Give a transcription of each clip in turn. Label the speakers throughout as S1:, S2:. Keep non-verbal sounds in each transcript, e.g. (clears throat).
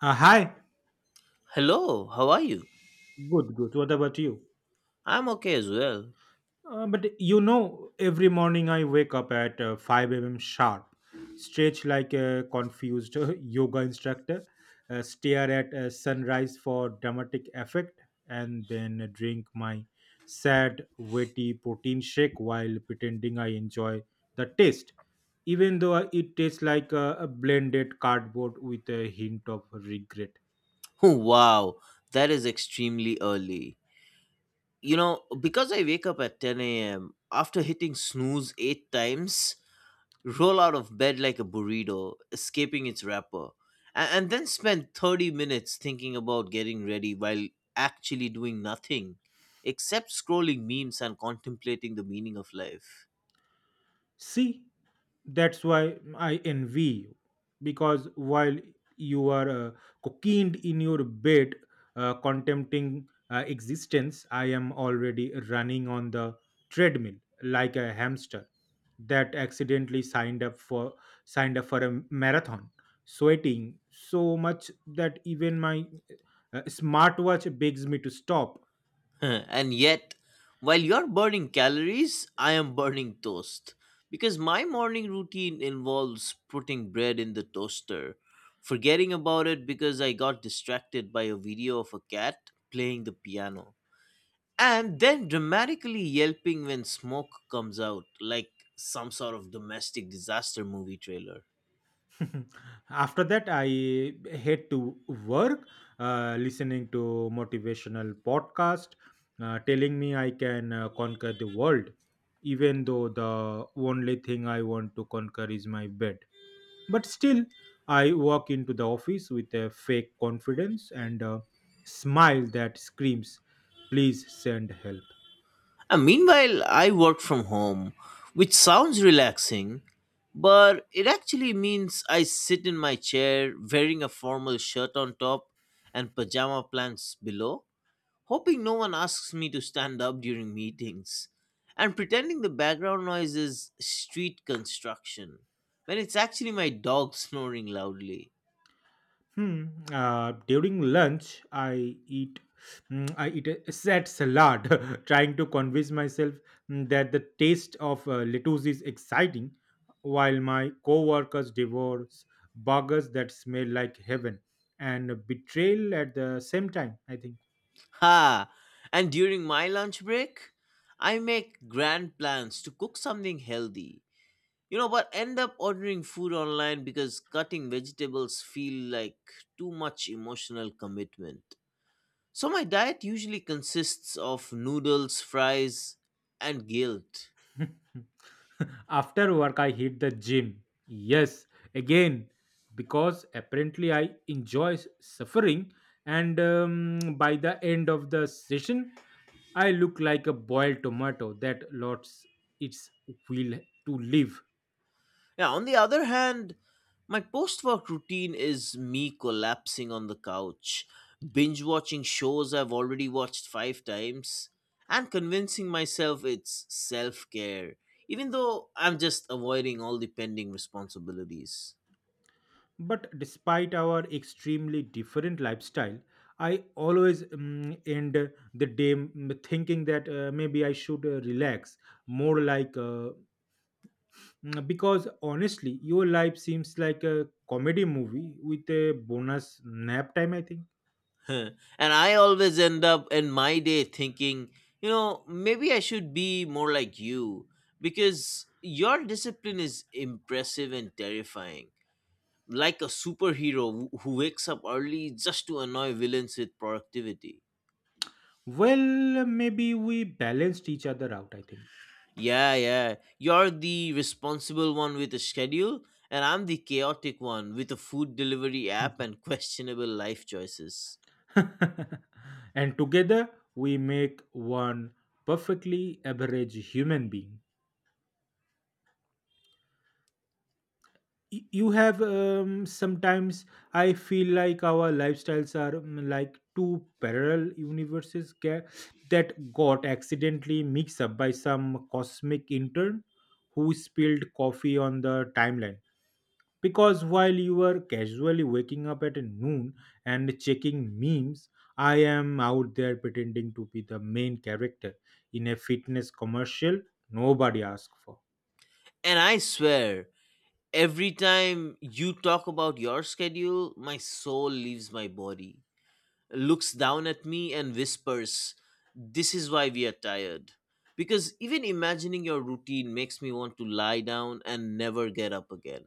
S1: Hi.
S2: Hello, how are you?
S1: Good, good. What about you?
S2: I'm okay as well.
S1: But you know, every morning I wake up at 5 a.m. sharp, stretch like a confused (laughs) yoga instructor, stare at sunrise for dramatic effect, and then drink my sad, wetty protein shake while pretending I enjoy the taste, even though it tastes like a blended cardboard with a hint of regret.
S2: (laughs) Wow, that is extremely early. You know, because I wake up at 10 a.m., after hitting snooze eight times, roll out of bed like a burrito, escaping its wrapper, and then spend 30 minutes thinking about getting ready while actually doing nothing except scrolling memes and contemplating the meaning of life.
S1: See, that's why I envy you because while you are cocooned in your bed, contemplating existence, I am already running on the treadmill like a hamster that accidentally signed up for a marathon, sweating so much that even my smartwatch begs me to stop.
S2: (laughs) And yet, while you're burning calories, I am burning toast. Because my morning routine involves putting bread in the toaster, forgetting about it because I got distracted by a video of a cat playing the piano, and then dramatically yelping when smoke comes out, like some sort of domestic disaster movie trailer.
S1: (laughs) After that, I head to work, listening to motivational podcast, telling me I can conquer the world, even though the only thing I want to conquer is my bed. But still, I walk into the office with a fake confidence and a smile that screams, "Please send help."
S2: Meanwhile, I work from home, which sounds relaxing, but it actually means I sit in my chair wearing a formal shirt on top and pajama pants below, hoping no one asks me to stand up during meetings, and pretending the background noise is street construction when it's actually my dog snoring loudly.
S1: Hmm. During lunch, I eat a sad salad, (laughs) trying to convince myself, that the taste of lettuce is exciting, while my co-workers devour burgers that smell like heaven and betrayal at the same time, I think.
S2: Ha! And during my lunch break, I make grand plans to cook something healthy. You know, but end up ordering food online because cutting vegetables feel like too much emotional commitment. So my diet usually consists of noodles, fries, and guilt.
S1: (laughs) After work, I hit the gym. Yes, again, because apparently I enjoy suffering. And by the end of the session, I look like a boiled tomato that lost its will to live.
S2: Now, on the other hand, my post-work routine is me collapsing on the couch, binge watching shows I've already watched 5 times, and convincing myself it's self-care, even though I'm just avoiding all the pending responsibilities.
S1: But despite our extremely different lifestyle, I always, end the day thinking that maybe I should relax more like, because honestly, your life seems like a comedy movie with a bonus nap time, I think.
S2: (laughs) Huh. And I always end up in my day thinking, you know, maybe I should be more like you because your discipline is impressive and terrifying. Like a superhero who wakes up early just to annoy villains with productivity.
S1: Well, maybe we balanced each other out, I think.
S2: Yeah, yeah. You're the responsible one with a schedule, and I'm the chaotic one with a food delivery app
S1: (laughs)
S2: and (laughs) questionable life choices.
S1: (laughs) And together we make one perfectly average human being. You have, sometimes I feel like our lifestyles are, like two parallel universes that got accidentally mixed up by some cosmic intern who spilled coffee on the timeline, because while you were casually waking up at noon and checking memes, I am out there pretending to be the main character in a fitness commercial nobody asked for.
S2: And I swear, every time you talk about your schedule, my soul leaves my body, looks down at me, and whispers, "This is why we are tired." Because even imagining your routine makes me want to lie down and never get up again.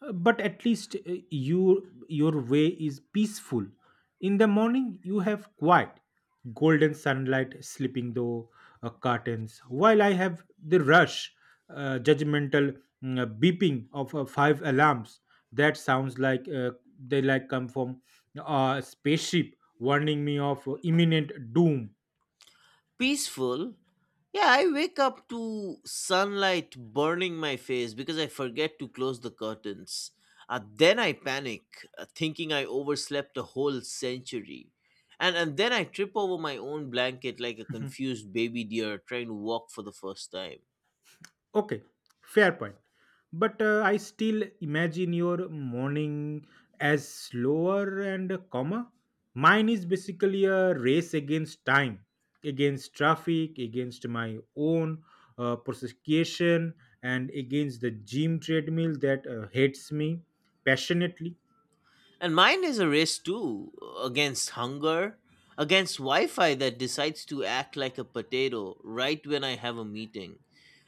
S1: But at least, your your way is peaceful. In the morning you have quiet golden sunlight slipping through curtains, while I have the rush, judgmental, beeping of five alarms that sounds like they like come from a spaceship warning me of imminent doom.
S2: Peaceful. Yeah, I wake up to sunlight burning my face because I forget to close the curtains. Then I panic, thinking I overslept a whole century. And then I trip over my own blanket like a confused baby deer trying to walk for the first time.
S1: Okay, fair point. But I still imagine your morning as slower and calmer. Mine is basically a race against time, against traffic, against my own prosecution, and against the gym treadmill that hates me passionately.
S2: And mine is a race too, against hunger, against Wi Fi that decides to act like a potato right when I have a meeting,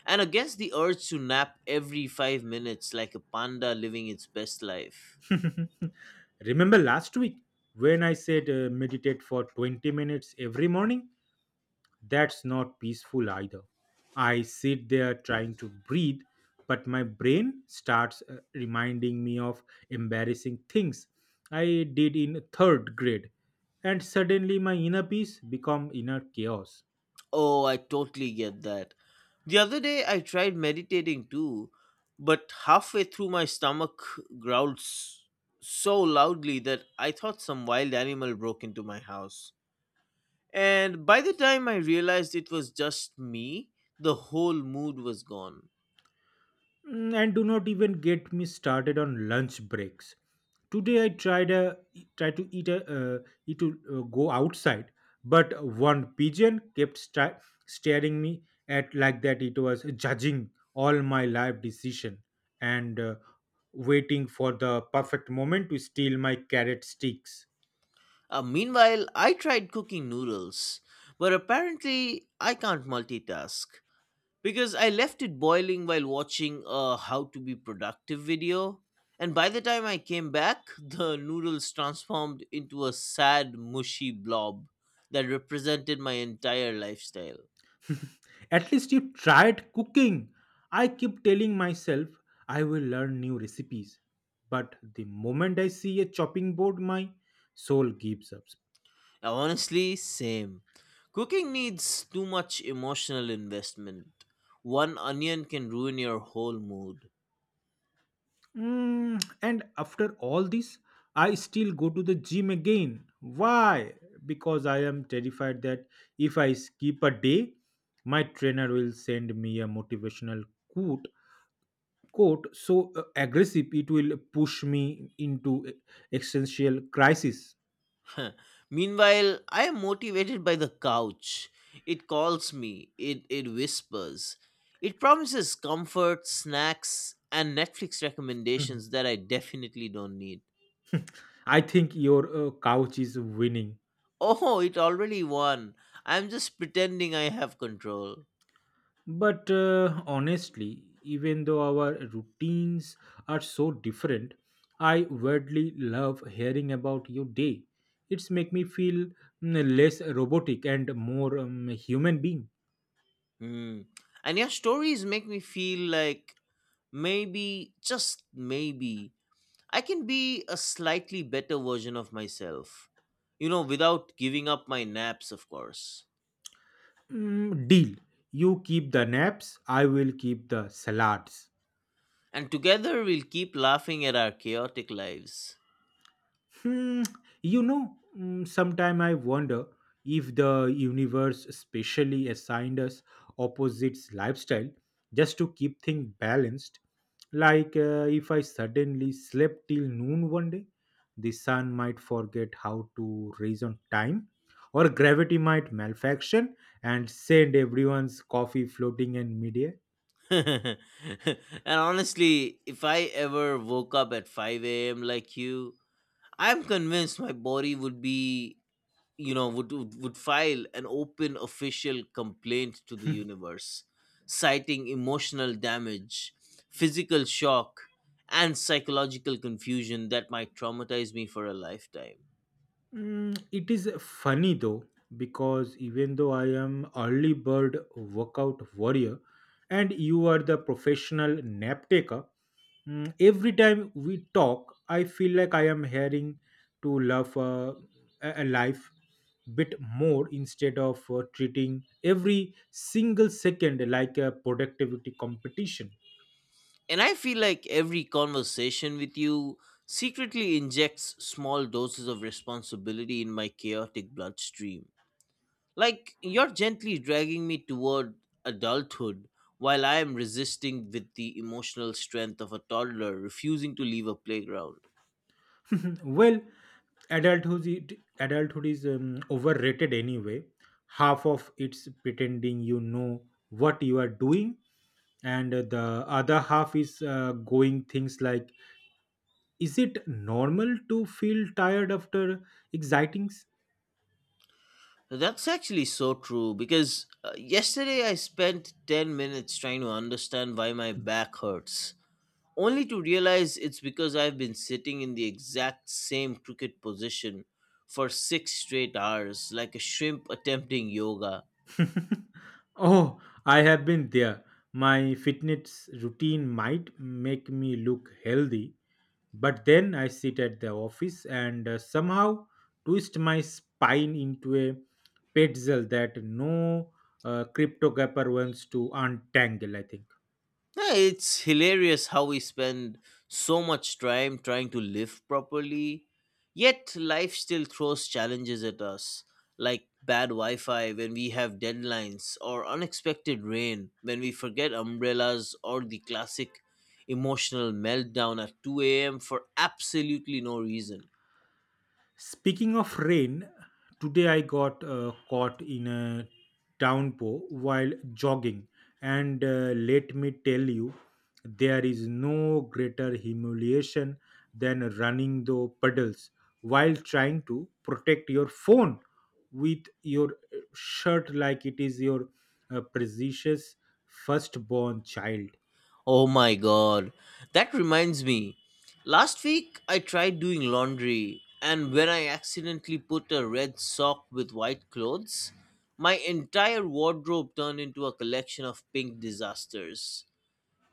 S2: and against the urge to nap every 5 minutes like a panda living its best life.
S1: (laughs) Remember last week when I said meditate for 20 minutes every morning? That's not peaceful either. I sit there trying to breathe, but my brain starts reminding me of embarrassing things I did in third grade, and suddenly my inner peace become inner chaos.
S2: Oh, I totally get that. The other day I tried meditating too, but halfway through my stomach growled s- so loudly that I thought some wild animal broke into my house. And by the time I realized it was just me, the whole mood was gone.
S1: Mm, and do not even get me started on lunch breaks. Today I tried to eat a eat to go outside, but one pigeon kept staring me at like that it was judging all my life decision and waiting for the perfect moment to steal my carrot sticks.
S2: Meanwhile, I tried cooking noodles, but apparently I can't multitask because I left it boiling while watching a how to be productive video. And by the time I came back, (laughs) the noodles transformed into a sad, mushy blob that represented my entire lifestyle.
S1: At least you tried cooking. I keep telling myself I will learn new recipes. But the moment I see a chopping board, my soul gives up.
S2: Honestly, same. Cooking needs too much emotional investment. One onion can ruin your whole mood.
S1: Mm, and after all this, I still go to the gym again. Why? Because I am terrified that if I skip a day, my trainer will send me a motivational quote quote so aggressive it will push me into existential crisis.
S2: (laughs) Meanwhile, I am motivated by the couch. It calls me, it whispers. It promises comfort, snacks, and Netflix recommendations that I definitely don't need.
S1: I think your couch is winning.
S2: Oh, it already won. I'm just pretending I have control.
S1: But honestly, even though our routines are so different, I weirdly love hearing about your day. It's make me feel, less robotic and more, human being.
S2: Hmm. And your stories make me feel like maybe, just maybe, I can be a slightly better version of myself. You know, without giving up my naps, of course.
S1: Mm, deal. You keep the naps, I will keep the salads.
S2: And together we'll keep laughing at our chaotic lives.
S1: Hmm, you know, sometime I wonder if the universe specially assigned us opposites lifestyle just to keep things balanced. Like if I suddenly slept till noon one day, the sun might forget how to reason time, or gravity might malfunction and send everyone's coffee floating in midair.
S2: (laughs) And honestly, if I ever woke up at 5 a.m. like you, I'm convinced my body would be, you know, would file an open official complaint to the universe, citing emotional damage, physical shock, and psychological confusion that might traumatize me for a lifetime.
S1: Mm, it is funny though because even though I am early bird workout warrior and you are the professional nap taker, every time we talk, I feel like I am hearing to love, a life bit more instead of treating every single second like a productivity competition.
S2: And I feel like every conversation with you secretly injects small doses of responsibility in my chaotic bloodstream. Like, you're gently dragging me toward adulthood while I am resisting with the emotional strength of a toddler refusing to leave a playground.
S1: (clears throat) Well, adulthood is, overrated anyway. Half of it's pretending you know what you are doing, and the other half is going things like, is it normal to feel tired after excitings?
S2: That's actually so true because yesterday I spent 10 minutes trying to understand why my back hurts, only to realize it's because I've been sitting in the exact same crooked position for six straight hours, like a shrimp attempting yoga.
S1: (laughs) Oh, I have been there. My fitness routine might make me look healthy, but then I sit at the office and somehow twist my spine into a pretzel that no cryptographer wants to untangle, I think.
S2: Yeah, it's hilarious how we spend so much time trying to live properly, yet life still throws challenges at us, like bad Wi Fi when we have deadlines, or unexpected rain when we forget umbrellas, or the classic emotional meltdown at 2 a.m. for absolutely no reason.
S1: Speaking of rain, today I got caught in a downpour while jogging, and let me tell you, there is no greater humiliation than running the puddles while trying to protect your phone with your shirt like it is your precious firstborn child.
S2: Oh my god. That reminds me. Last week I tried doing laundry and when I accidentally put a red sock with white clothes, my entire wardrobe turned into a collection of pink disasters.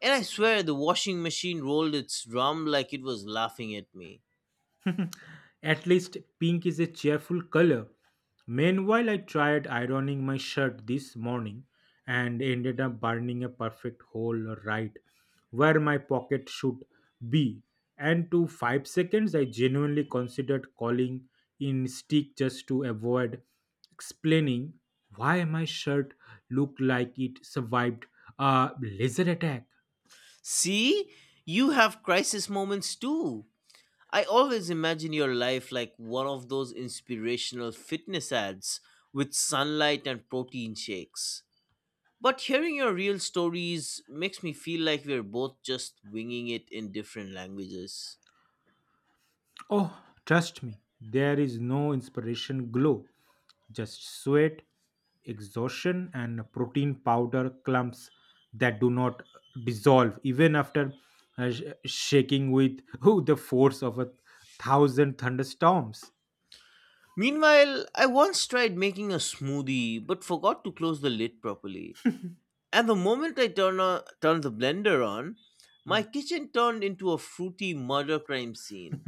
S2: And I swear the washing machine rolled its drum like it was laughing at me.
S1: (laughs) At least pink is a cheerful color. Meanwhile, I tried ironing my shirt this morning and ended up burning a perfect hole right where my pocket should be. And to five seconds, I genuinely considered calling in stick just to avoid explaining why my shirt looked like it survived a laser attack.
S2: See? You have crisis moments too. I always imagine your life like one of those inspirational fitness ads with sunlight and protein shakes. But hearing your real stories makes me feel like we're both just winging it in different languages.
S1: Oh, trust me, there is no inspiration glow. Just sweat, exhaustion, and protein powder clumps that do not dissolve even after shaking with (laughs) the force of a thousand thunderstorms.
S2: Meanwhile, I once tried making a smoothie but forgot to close the lid properly. And the moment I turned the blender on, my kitchen turned into a fruity murder crime scene.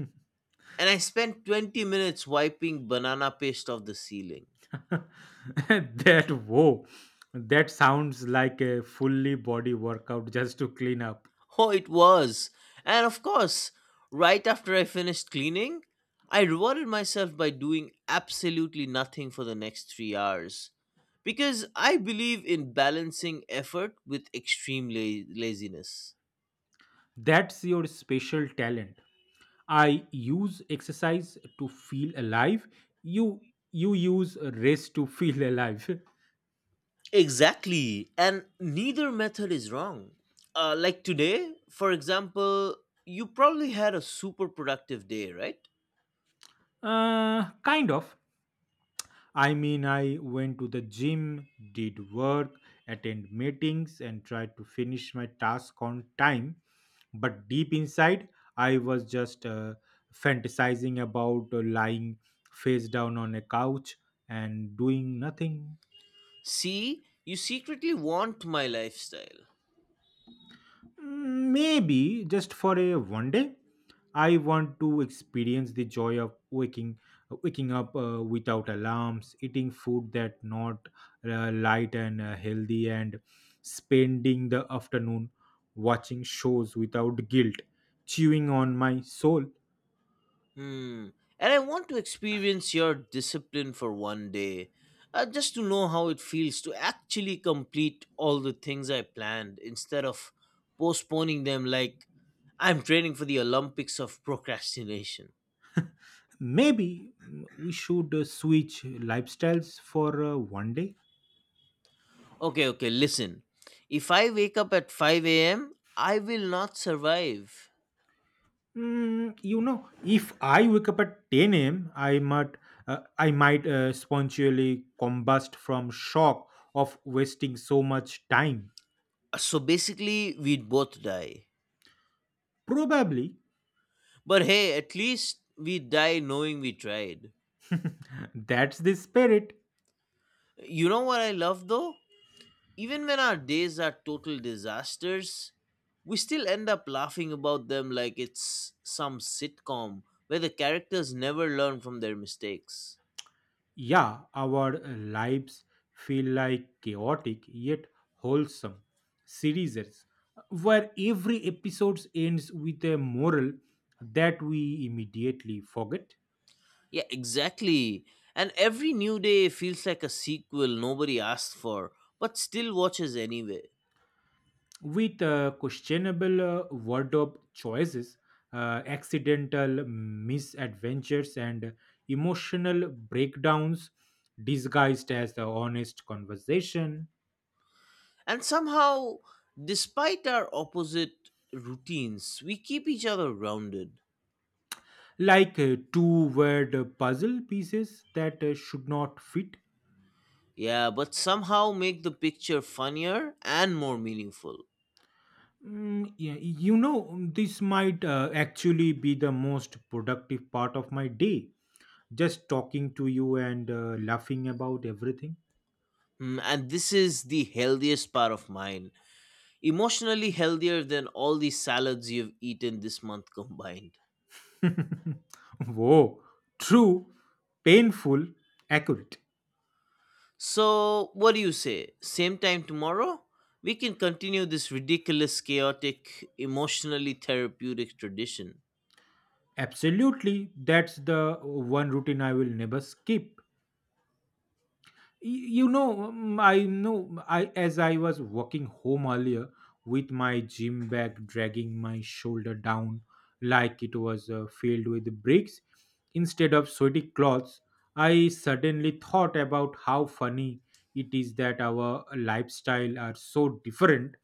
S2: And I spent 20 minutes wiping banana paste off the ceiling.
S1: (laughs) that Whoa, that sounds like a fully body workout just to clean up.
S2: (laughs) Oh, it was. And of course, right after I finished cleaning, I rewarded myself by doing absolutely nothing for the next 3 hours. Because I believe in balancing effort with laziness.
S1: That's your special talent. I use exercise to feel alive. You you use race to feel alive. (laughs)
S2: Exactly. And neither method is wrong. Like today, for example, you probably had a super productive day, right?
S1: Kind of. I mean, I went to the gym, did work, attend meetings, and tried to finish my task on time. But deep inside, I was just fantasizing about lying face down on a couch and doing nothing.
S2: See, you secretly want my lifestyle.
S1: Mm, maybe just for a one day. I want to experience the joy of waking up without alarms, eating food that not light and healthy, and spending the afternoon watching shows without guilt, chewing on my soul.
S2: Hmm. And I want to experience your discipline for one day, just to know how it feels to actually complete all the things I planned instead of postponing them like I'm training for the Olympics of procrastination.
S1: Maybe we should switch lifestyles for one day.
S2: Okay, okay, listen. If I wake up at 5 a.m., I will not survive.
S1: Mm, you know, if I wake up at 10 a.m., I might spontaneously combust from shock of wasting so much time.
S2: So basically, we'd both die.
S1: Probably.
S2: But hey, at least we die knowing we tried.
S1: That's the spirit.
S2: You know what I love though? Even when our days are total disasters, we still end up laughing about them like it's some sitcom where the characters never learn from their mistakes.
S1: Yeah, our lives feel like chaotic yet wholesome series where every episode ends with a moral that we immediately forget.
S2: Yeah, exactly. And every new day feels like a sequel nobody asked for, but still watches anyway.
S1: With questionable wardrobe choices, accidental misadventures, and emotional breakdowns disguised as the honest conversation,
S2: And somehow, despite our opposite routines, we keep each other rounded.
S1: like two word puzzle pieces that should not fit.
S2: Yeah, but somehow make the picture funnier and more meaningful.
S1: Yeah, you know, this might actually be the most productive part of my day. Just talking to you and laughing about everything.
S2: Mm, and this is the healthiest part of mine. Emotionally healthier than all the salads you've eaten this month combined.
S1: (laughs) Whoa, true, painful, accurate.
S2: So, what do you say? Same time tomorrow? We can continue this ridiculous, chaotic, emotionally therapeutic tradition.
S1: Absolutely, that's the one routine I will never skip. You know, I know I as I was walking home earlier with my gym bag dragging my shoulder down like it was filled with bricks instead of sweaty clothes, I suddenly thought about how funny it is that our lifestyle are so different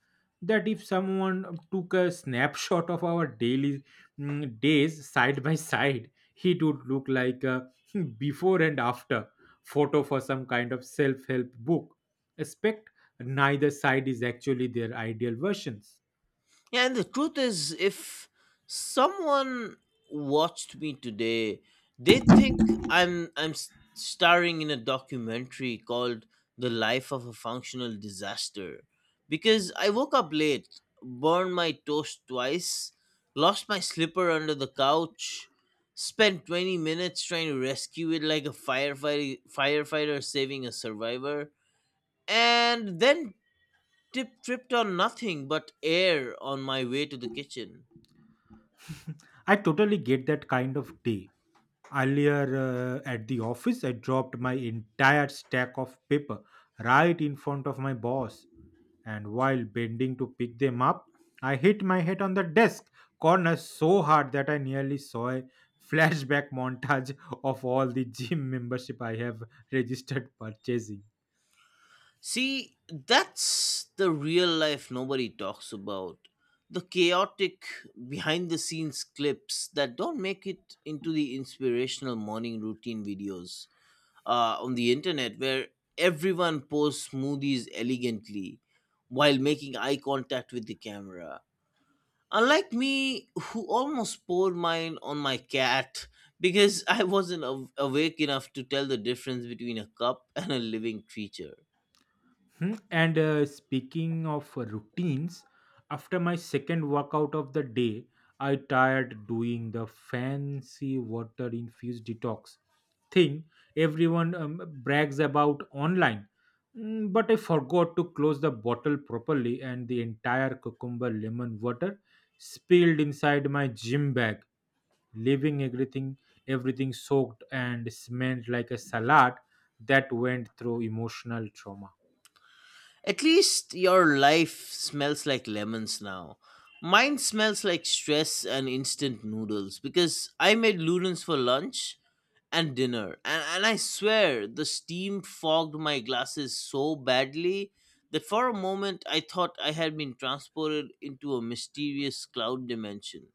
S1: that if someone took a snapshot of our daily, days side by side, it would look like a (laughs) before and after photo for some kind of self help book. Expect neither side is actually their ideal versions.
S2: Yeah, and the truth is, if someone watched me today, they think starring in a documentary called "The Life of a Functional Disaster," because I woke up late, burned my toast twice, lost my slipper under the couch, spent 20 minutes trying to rescue it like a firefighter saving a survivor, and then Tip tripped on nothing but air on my way to the kitchen.
S1: I totally get that kind of day. Earlier at the office, I dropped my entire stack of paper right in front of my boss, and while bending to pick them up, I hit my head on the desk corner so hard that I nearly saw a (laughs) flashback montage of all the gym membership I have registered purchasing.
S2: See, that's the real life nobody talks about. The chaotic behind the scenes clips that don't make it into the inspirational morning routine videos on the internet where everyone posts smoothies elegantly while making eye contact with the camera. Unlike me, who almost poured mine on my cat because (laughs) I wasn't aw- awake enough to tell the difference between a cup and a living creature.
S1: Hmm, and speaking of routines, after my second workout of the day, I tired doing the fancy water infused detox thing everyone, brags about online. Mm, but I forgot to close the bottle properly, and the entire cucumber lemon water spilled inside my gym bag, leaving everything soaked and smelled like a salad that went through emotional trauma.
S2: At least your life smells like lemons now. Mine smells like stress and instant noodles because I made noodles for lunch and dinner. And I swear, the steam fogged my glasses so badly that for a moment I thought I had been transported into a mysterious cloud dimension.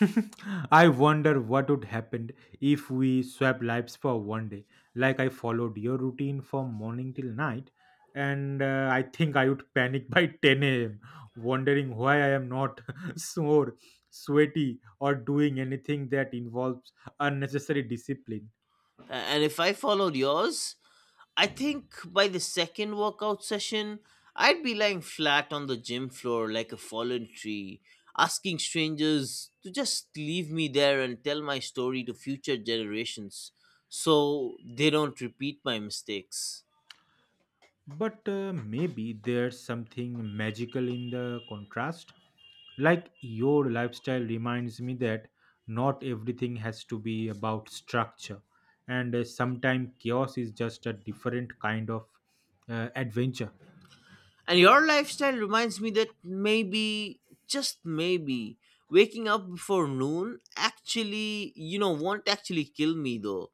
S1: (laughs) I wonder what would happen if we swap lives for one day. Like I followed your routine from morning till night, and I think I would panic (laughs) by 10 a.m., wondering why I am not (laughs) sore, sweaty, or doing anything that involves unnecessary discipline.
S2: And if I followed yours, I think by the second workout session, I'd be lying flat on the gym floor like a fallen tree, asking strangers to just leave me there and tell my story to future generations so they don't repeat my mistakes.
S1: But maybe there's something magical in the contrast. Like your lifestyle reminds me that not everything has to be about structure, and sometimes chaos is just a different kind of adventure.
S2: And your lifestyle reminds me that maybe, just maybe, waking up before noon actually, you know, won't actually kill me though.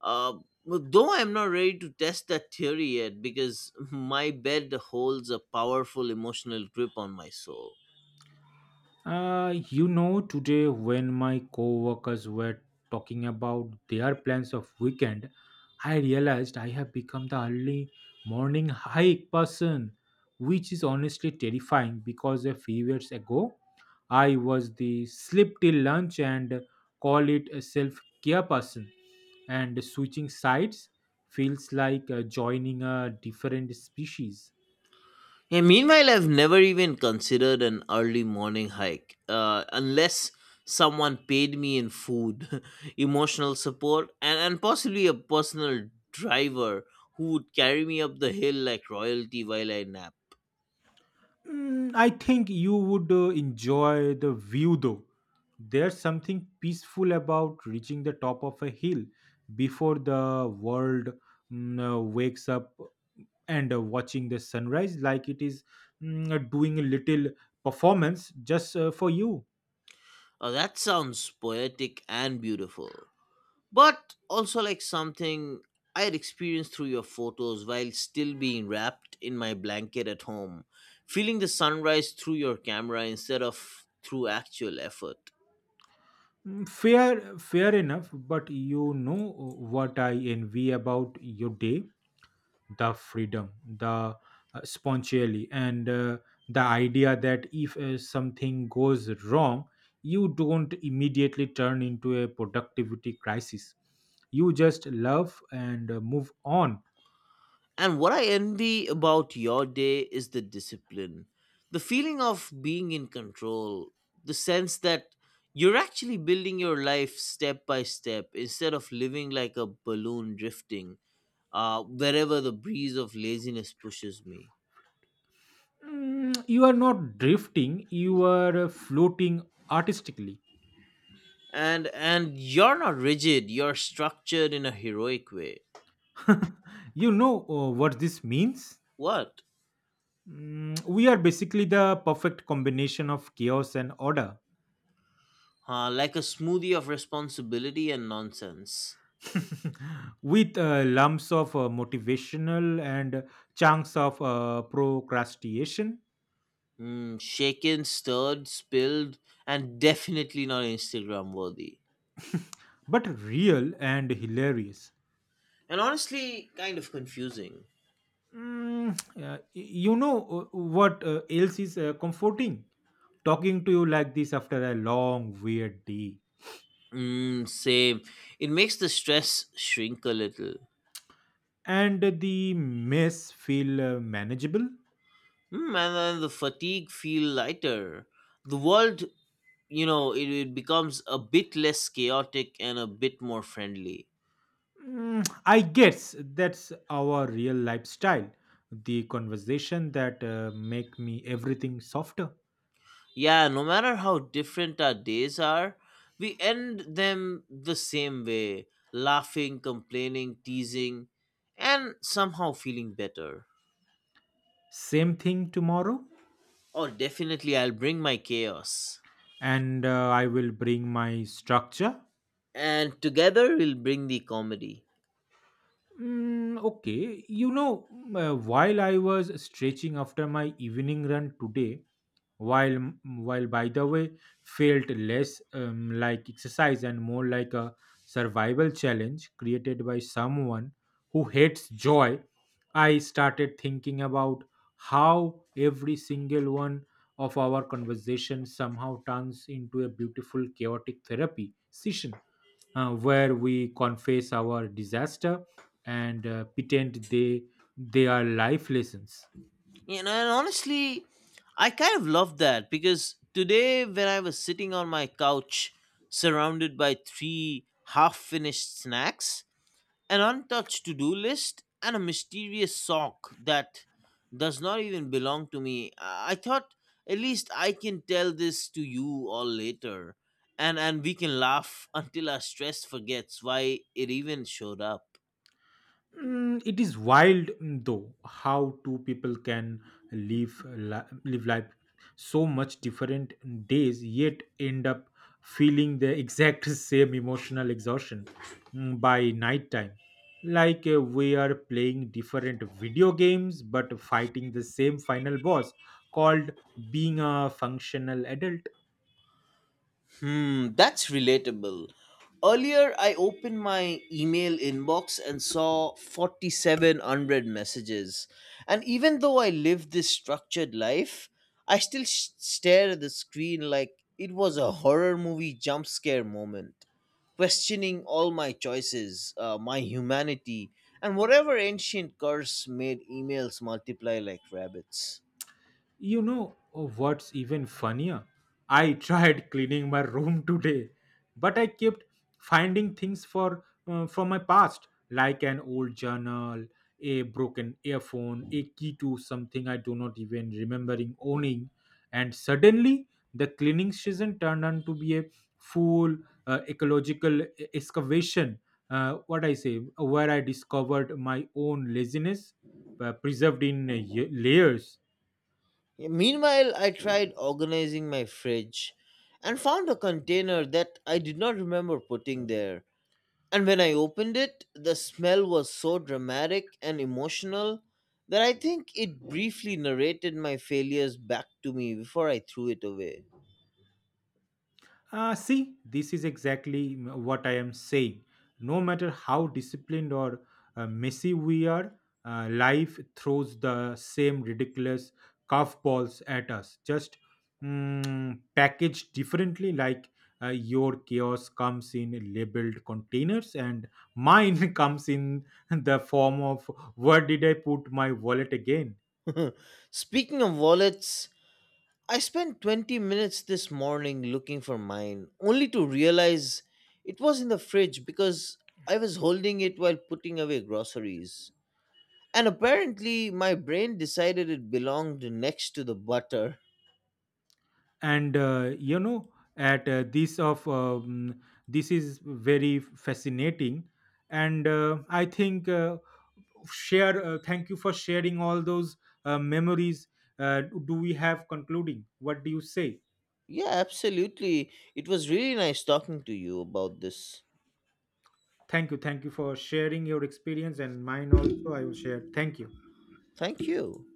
S2: Uh, but though I'm not ready to test that theory yet because my bed holds a powerful emotional grip on my soul.
S1: Today when my coworkers were talking about their plans of weekend, I realized I have become the early morning hike person, which is honestly terrifying because a few years ago I was the sleep till lunch and call it a self-care person, and switching sides feels like joining a different species.
S2: Yeah, meanwhile, I've never even considered an early morning hike unless someone paid me in food, (laughs) emotional support, and possibly a personal driver who would carry me up the hill like royalty while I nap.
S1: I think you would enjoy the view though. There's something peaceful about reaching the top of a hill before the world wakes up and watching the sunrise, like it is doing a little performance just for you.
S2: That sounds poetic and beautiful, but also like something I had experienced through your photos while still being wrapped in my blanket at home, feeling the sunrise through your camera instead of through actual effort.
S1: Fair enough, but you know what I envy about your day: the freedom, the spontaneity, and the idea that if something goes wrong, you don't immediately turn into a productivity crisis. You just love and move on.
S2: And what I envy about your day is the discipline, the feeling of being in control, the sense that you're actually building your life step by step instead of living like a balloon drifting wherever the breeze of laziness pushes me.
S1: You are not drifting, you are floating artistically.
S2: And you're not rigid, you're structured in a heroic way.
S1: You know what this means?
S2: What?
S1: We are basically the perfect combination of chaos and order.
S2: Like a smoothie of responsibility and nonsense.
S1: (laughs) With lumps of motivational and chunks of procrastination,
S2: Mm, shaken, stirred, spilled, and definitely not Instagram worthy.
S1: but real and hilarious.
S2: And honestly, kind of confusing.
S1: Yeah, you know what else is comforting? Talking to you like this after a long, weird day,
S2: Mm, same. It makes the stress shrink a little.
S1: and the mess feel manageable.
S2: Mm, and then the fatigue feel lighter. The world, you know, it becomes a bit less chaotic and a bit more friendly.
S1: I guess that's our real lifestyle. The conversation that make me everything softer.
S2: Yeah, no matter how different our days are, we end them the same way, laughing, complaining, teasing, and somehow feeling better.
S1: Same thing tomorrow,
S2: Oh, definitely, I'll bring my chaos.
S1: and I will bring my structure.
S2: And together, we'll bring the comedy.
S1: Okay, you know, while I was stretching after my evening run today, while m- while by the way felt less like exercise and more like a survival challenge created by someone who hates joy, I started thinking about how every single one of our conversations somehow turns into a beautiful chaotic therapy session where we confess our disaster and pretend they are life lessons.
S2: You know, and honestly, I kind of love that because today, when I was sitting on my couch surrounded by three half finished snacks, an untouched to do list, and a mysterious sock that does not even belong to me. I thought at least I can tell this to you all later, and we can laugh (laughs) until our stress forgets why it even showed up.
S1: It is wild though how two people can live life so much different days yet end up feeling the exact (laughs) same emotional exhaustion by night time, like we are playing different video games but fighting the same final boss called being a functional adult.
S2: Hmm, that's relatable. Earlier, I opened my email inbox and saw 4,700 messages. And even though I live this structured life, I still stare at the screen like it was a horror movie jump scare moment, questioning all my choices, my humanity, and whatever ancient curse made emails multiply like rabbits.
S1: You know what's even funnier? I tried (laughs) cleaning my room today, but I kept finding things for from my past, like an old journal, a broken earphone, a key to something I do not even remembering owning, and suddenly the cleaning season turned out to be a full ecological excavation. What I say, where I discovered my own laziness preserved in layers.
S2: Yeah, meanwhile, I tried organizing my fridge and found a container that I did not remember putting there. And when I opened it, the smell was so dramatic and emotional that I think it briefly narrated my failures back to me before I threw it away.
S1: See, this is exactly what I am saying. No matter how disciplined or messy we are, life throws the same ridiculous curveballs at us, just packaged differently. Like your chaos comes in labeled containers, and mine (laughs) comes in the form of where did I put my wallet again?
S2: (laughs) Speaking of wallets, I spent 20 minutes this morning looking for mine, only to realize it was in the fridge because I was holding it while putting away groceries. And apparently, my brain decided it belonged next to the butter.
S1: And you know at this of this is very fascinating, and I think share thank you for sharing all those memories. Do we have concluding, what do you say?
S2: Yeah, absolutely. It was really nice talking to you about this.
S1: Thank you, thank you for sharing your experience, and mine also I will share. Thank you.
S2: Thank you.